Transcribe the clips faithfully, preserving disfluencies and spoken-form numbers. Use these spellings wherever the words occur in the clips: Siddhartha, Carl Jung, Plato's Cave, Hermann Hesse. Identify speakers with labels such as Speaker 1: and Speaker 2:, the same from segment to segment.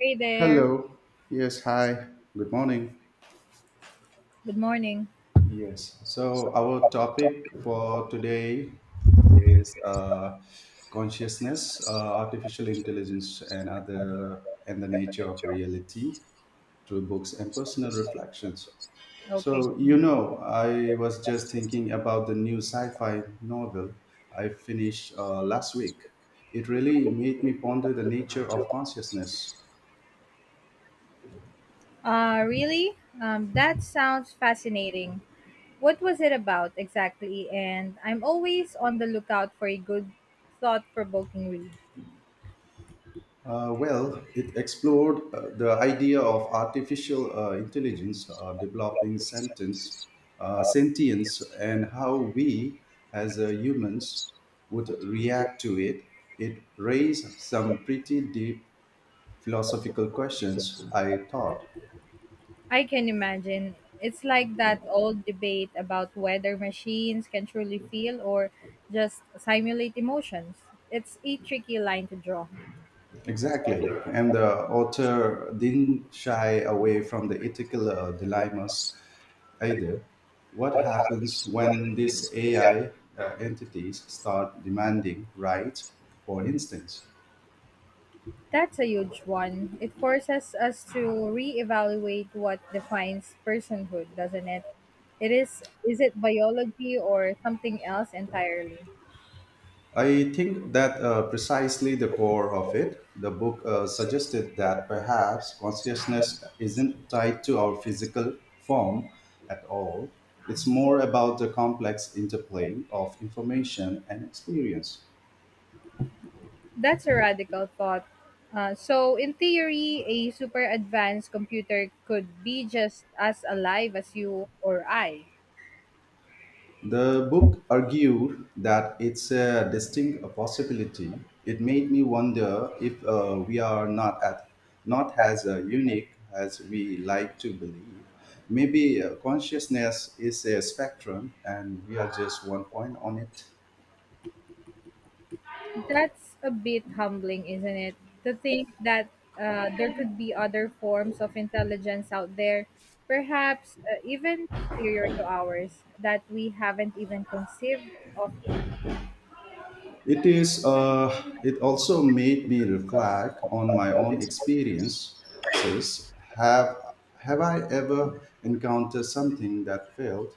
Speaker 1: Hey there.
Speaker 2: Hello. Yes, hi. Good morning.
Speaker 1: Good morning.
Speaker 2: Yes. So our topic for today is uh, consciousness, uh, artificial intelligence, and other and the nature of reality through books and personal reflections.
Speaker 1: Okay.
Speaker 2: So you know, I was just thinking about the new sci-fi novel I finished uh, last week. It really made me ponder the nature of consciousness.
Speaker 1: Uh, really? Um, that sounds fascinating. What was it about exactly? And I'm always on the lookout for a good, thought provoking read.
Speaker 2: Uh, well, it explored uh, the idea of artificial uh, intelligence uh, developing sentence, uh, sentience and how we as uh, humans would react to it. It raised some pretty deep philosophical questions, I thought.
Speaker 1: I can imagine. It's like that old debate about whether machines can truly feel or just simulate emotions. It's a tricky line to draw.
Speaker 2: Exactly. And the author didn't shy away from the ethical uh, dilemmas either. What happens when these A I uh, entities start demanding rights, for instance?
Speaker 1: That's a huge one. It forces us to reevaluate what defines personhood, doesn't it? It is is it biology or something else entirely?
Speaker 2: I think that uh, precisely the core of it, the book uh, suggested that perhaps consciousness isn't tied to our physical form at all. It's more about the complex interplay of information and experience.
Speaker 1: That's a radical thought. Uh, so in theory, a super advanced computer could be just as alive as you or I.
Speaker 2: The book argued that it's a distinct possibility. It made me wonder if uh, we are not at, not as uh, unique as we like to believe. Maybe uh, consciousness is a spectrum, and we are just one point on it.
Speaker 1: That's a bit humbling, isn't it? To think that uh, there could be other forms of intelligence out there, perhaps uh, even superior to ours, that we haven't even conceived of yet.
Speaker 2: It is. Uh, it also made me reflect on my own experiences. Have Have I ever encountered something that felt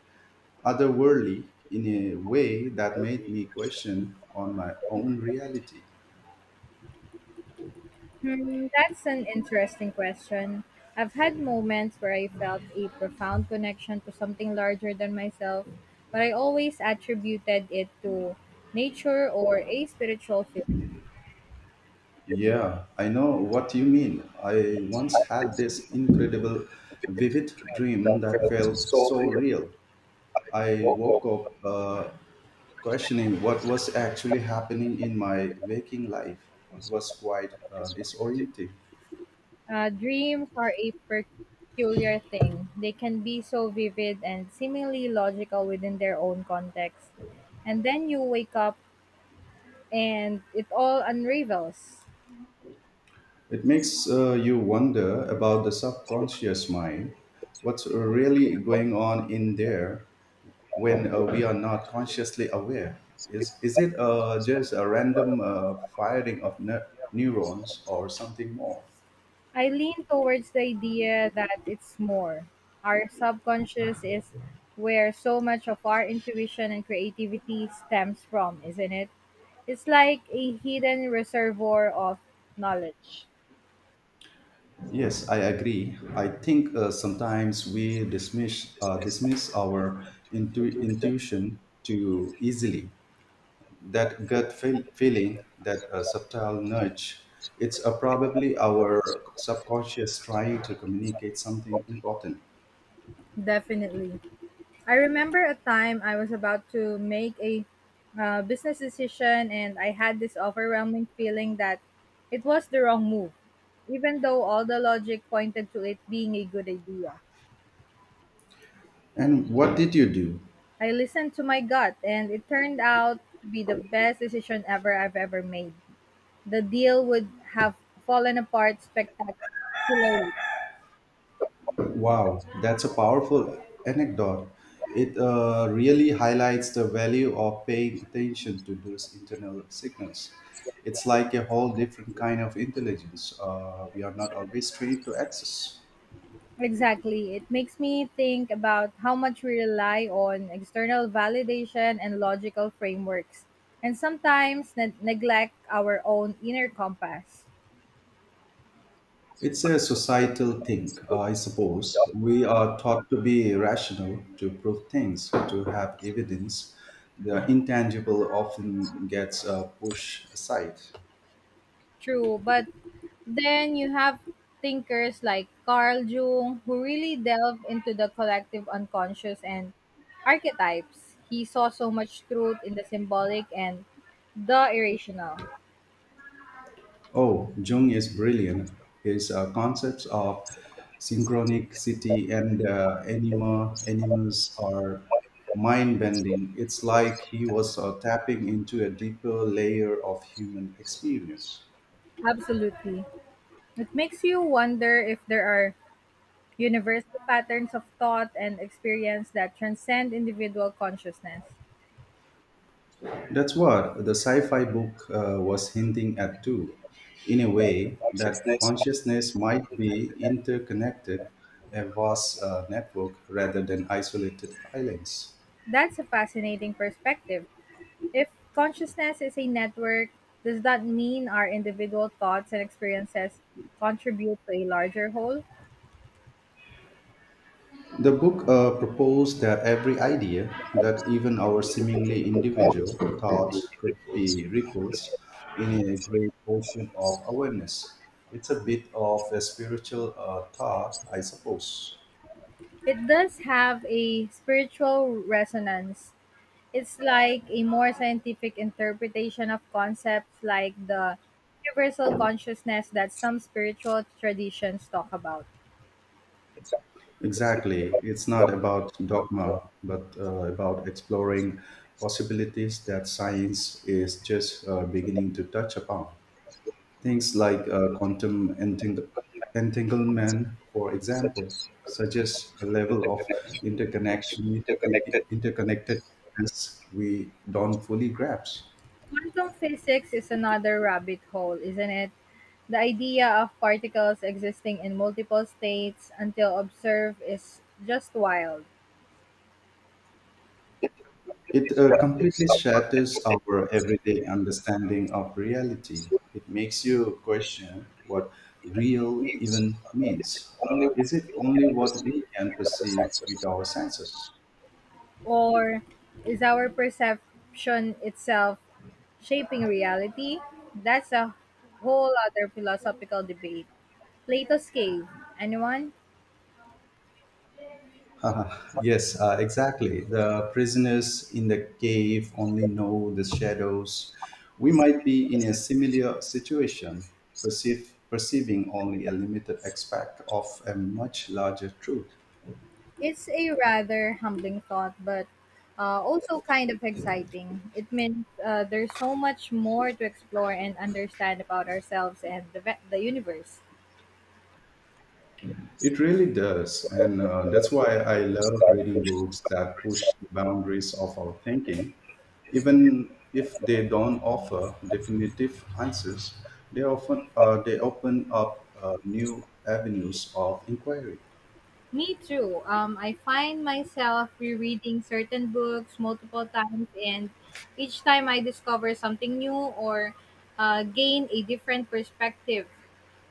Speaker 2: otherworldly in a way that made me question on my own reality.
Speaker 1: Hmm, that's an interesting question. I've had moments where I felt a profound connection to something larger than myself, but I always attributed it to nature or a spiritual feeling.
Speaker 2: Yeah, I know what you mean. I once had this incredible, vivid dream that felt so real. I woke up uh, questioning what was actually happening in my waking life. It was quite uh, disorienting.
Speaker 1: Uh, dreams are a peculiar thing. They can be so vivid and seemingly logical within their own context. And then you wake up and it all unravels.
Speaker 2: It makes uh, you wonder about the subconscious mind, what's really going on in there, when uh, we are not consciously aware? Is, is it uh, just a random uh, firing of ne- neurons or something more?
Speaker 1: I lean towards the idea that it's more. Our subconscious is where so much of our intuition and creativity stems from, isn't it? It's like a hidden reservoir of knowledge.
Speaker 2: Yes, I agree. I think uh, sometimes we dismiss uh, dismiss our intu- intuition too easily. That gut feel- feeling, that uh, subtle nudge, it's uh, probably our subconscious trying to communicate something important.
Speaker 1: Definitely. I remember a time I was about to make a uh, business decision and I had this overwhelming feeling that it was the wrong move, even though all the logic pointed to it being a good idea.
Speaker 2: And what did you do?
Speaker 1: I listened to my gut and it turned out to be the best decision ever I've ever made. The deal would have fallen apart spectacularly.
Speaker 2: Wow, that's a powerful anecdote. It uh, really highlights the value of paying attention to those internal signals. It's like a whole different kind of intelligence uh, we are not always trained to access.
Speaker 1: Exactly. It makes me think about how much we rely on external validation and logical frameworks, and sometimes ne- neglect our own inner compass.
Speaker 2: It's a societal thing, uh, I suppose. We are taught to be rational, to prove things, to have evidence. The intangible often gets uh, pushed aside.
Speaker 1: True, but then you have thinkers like Carl Jung who really delve into the collective unconscious and archetypes. He saw so much truth in the symbolic and the irrational.
Speaker 2: Oh, Jung is brilliant. His uh, concepts of synchronicity and uh, anima, animus are mind bending. It's like he was uh, tapping into a deeper layer of human experience.
Speaker 1: Absolutely. It makes you wonder if there are universal patterns of thought and experience that transcend individual consciousness.
Speaker 2: That's what the sci fi book uh, was hinting at, too, in a way that consciousness might be interconnected, a vast uh, network rather than isolated islands.
Speaker 1: That's a fascinating perspective. If consciousness is a network, does that mean our individual thoughts and experiences contribute to a larger whole?
Speaker 2: The book uh, proposed that every idea, that even our seemingly individual thoughts, could be ripples in a great ocean of awareness. It's a bit of a spiritual uh, thought, I suppose.
Speaker 1: It does have a spiritual resonance. It's like a more scientific interpretation of concepts like the universal consciousness that some spiritual traditions talk about.
Speaker 2: Exactly. It's not about dogma, but uh, about exploring possibilities that science is just uh, beginning to touch upon. Things like uh, quantum enting- entanglement, for example, suggest a level of interconnection, i- i- interconnectedness we don't fully grasp.
Speaker 1: Quantum physics is another rabbit hole, isn't it? The idea of particles existing in multiple states until observed is just wild.
Speaker 2: It uh, completely shatters our everyday understanding of reality. It makes you question what real even means. Uh, is it only what we can perceive with our senses?
Speaker 1: Or is our perception itself shaping reality? That's a whole other philosophical debate. Plato's Cave. Anyone?
Speaker 2: Uh, yes, uh, exactly. The prisoners in the cave only know the shadows. We might be in a similar situation, perceive, perceiving only a limited aspect of a much larger truth.
Speaker 1: It's a rather humbling thought, but uh, also kind of exciting. It means uh, there's so much more to explore and understand about ourselves and the, ve- the universe.
Speaker 2: It really does. And uh, that's why I love reading books that push the boundaries of our thinking. Even if they don't offer definitive answers, they often uh, they open up uh, new avenues of inquiry.
Speaker 1: Me too. Um, I find myself rereading certain books multiple times, and each time I discover something new or uh, gain a different perspective.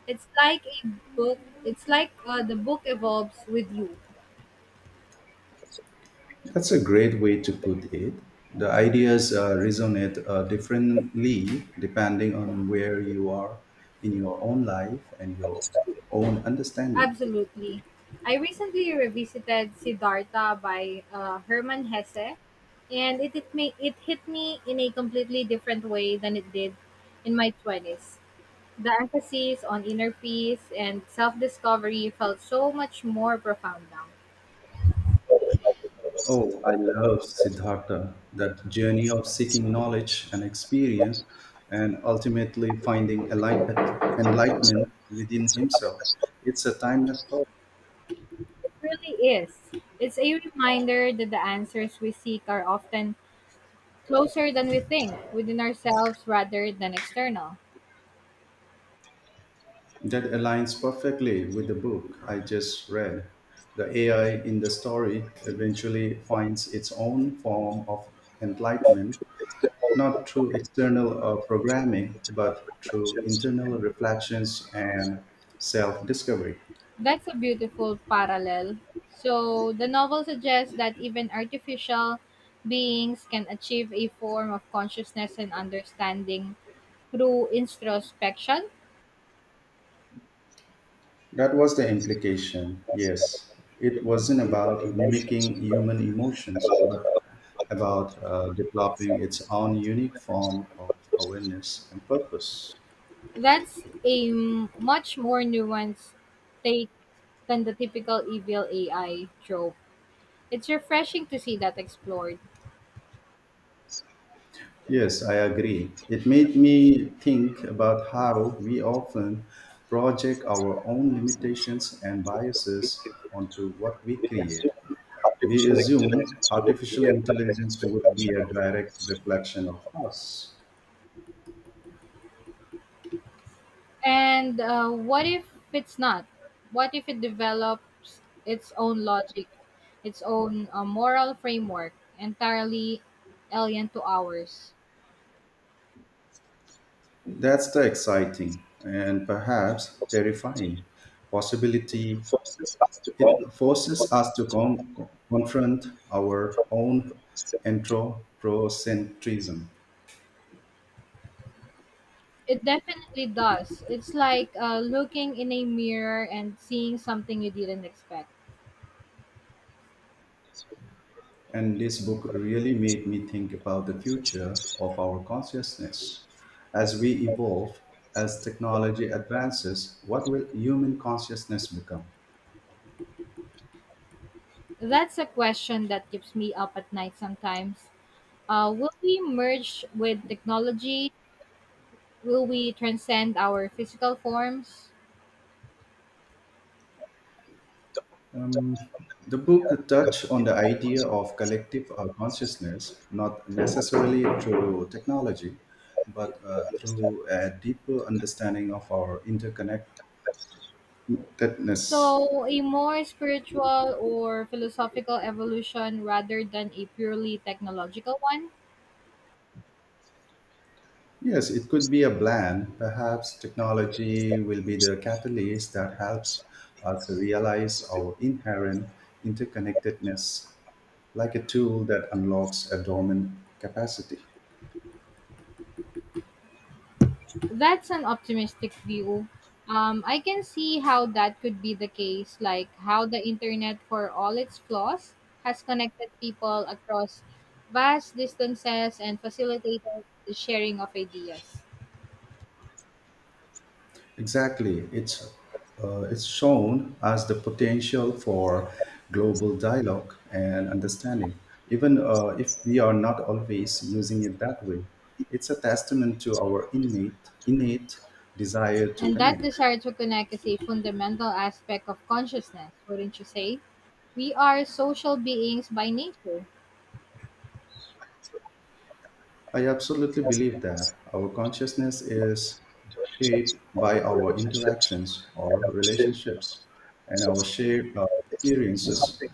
Speaker 1: It's like a book. It's like uh, the book evolves with you.
Speaker 2: That's a great way to put it. The ideas uh, resonate uh, differently depending on where you are in your own life and your own understanding.
Speaker 1: Absolutely. I recently revisited Siddhartha by uh, Hermann Hesse, and it, it, me, it hit me in a completely different way than it did in my twenties. The emphasis on inner peace and self discovery felt so much more profound now.
Speaker 2: Oh, I love Siddhartha, that journey of seeking knowledge and experience and ultimately finding enlight- enlightenment within himself. It's a timeless story.
Speaker 1: It really is. It's a reminder that the answers we seek are often closer than we think, within ourselves rather than external.
Speaker 2: That aligns perfectly with the book I just read. The A I in the story eventually finds its own form of enlightenment, not through external uh, programming, but through internal reflections and self discovery.
Speaker 1: That's a beautiful parallel. So, the novel suggests that even artificial beings can achieve a form of consciousness and understanding through introspection.
Speaker 2: That was the implication, yes. It wasn't about mimicking human emotions, but about uh, developing its own unique form of awareness and purpose.
Speaker 1: That's a m- much more nuanced take than the typical evil A I trope. It's refreshing to see that explored.
Speaker 2: Yes, I agree. It made me think about how we often project our own limitations and biases onto what we create. We assume artificial intelligence would be a direct reflection of us.
Speaker 1: And uh, what if it's not? What if it develops its own logic, its own uh, moral framework, entirely alien to ours?
Speaker 2: That's the exciting and perhaps terrifying possibility. It forces us to con- confront our own anthropocentrism.
Speaker 1: It definitely does. It's like uh, looking in a mirror and seeing something you didn't expect.
Speaker 2: And this book really made me think about the future of our consciousness. As we evolve, as technology advances, what will human consciousness become?
Speaker 1: That's a question that keeps me up at night sometimes. Uh, will we merge with technology? Will we transcend our physical forms?
Speaker 2: Um, the book touched on the idea of collective uh, consciousness, not necessarily through technology, but uh, through a deeper understanding of our interconnectedness.
Speaker 1: So, a more spiritual or philosophical evolution rather than a purely technological one?
Speaker 2: Yes, it could be a blend. Perhaps technology will be the catalyst that helps us realize our inherent interconnectedness, like a tool that unlocks a dormant capacity.
Speaker 1: That's an optimistic view. Um, I can see how that could be the case, like how the internet, for all its flaws, has connected people across vast distances and facilitated the sharing of ideas.
Speaker 2: Exactly, it's uh, it's shown as the potential for global dialogue and understanding, even uh, if we are not always using it that way. It's a testament to our innate innate desire to
Speaker 1: And that
Speaker 2: connect.
Speaker 1: desire to connect is a fundamental aspect of consciousness, wouldn't you say? We are social beings by nature.
Speaker 2: I absolutely believe that our consciousness is shaped by our interactions, or relationships, and our shared uh, experiences.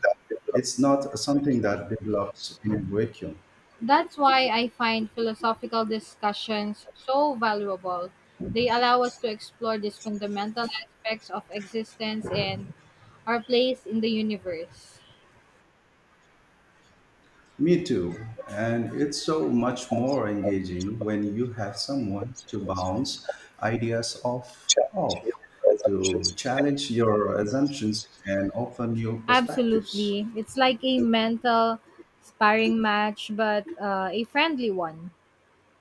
Speaker 2: It's not something that develops in a vacuum.
Speaker 1: That's why I find philosophical discussions so valuable. They allow us to explore these fundamental aspects of existence and our place in the universe.
Speaker 2: Me too. And it's so much more engaging when you have someone to bounce ideas off off, to challenge your assumptions and offer new perspectives.
Speaker 1: Absolutely. It's like a mental sparring match, but uh, a friendly one.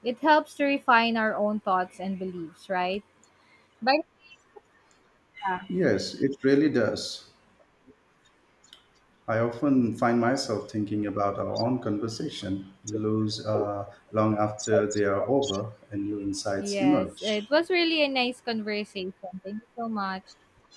Speaker 1: It helps to refine our own thoughts and beliefs, right? But yeah,
Speaker 2: Yes, it really does. I often find myself thinking about our own conversation lose uh, long after they are over and new insights
Speaker 1: yes, it
Speaker 2: emerge.
Speaker 1: was really a nice conversation. Thank you so much.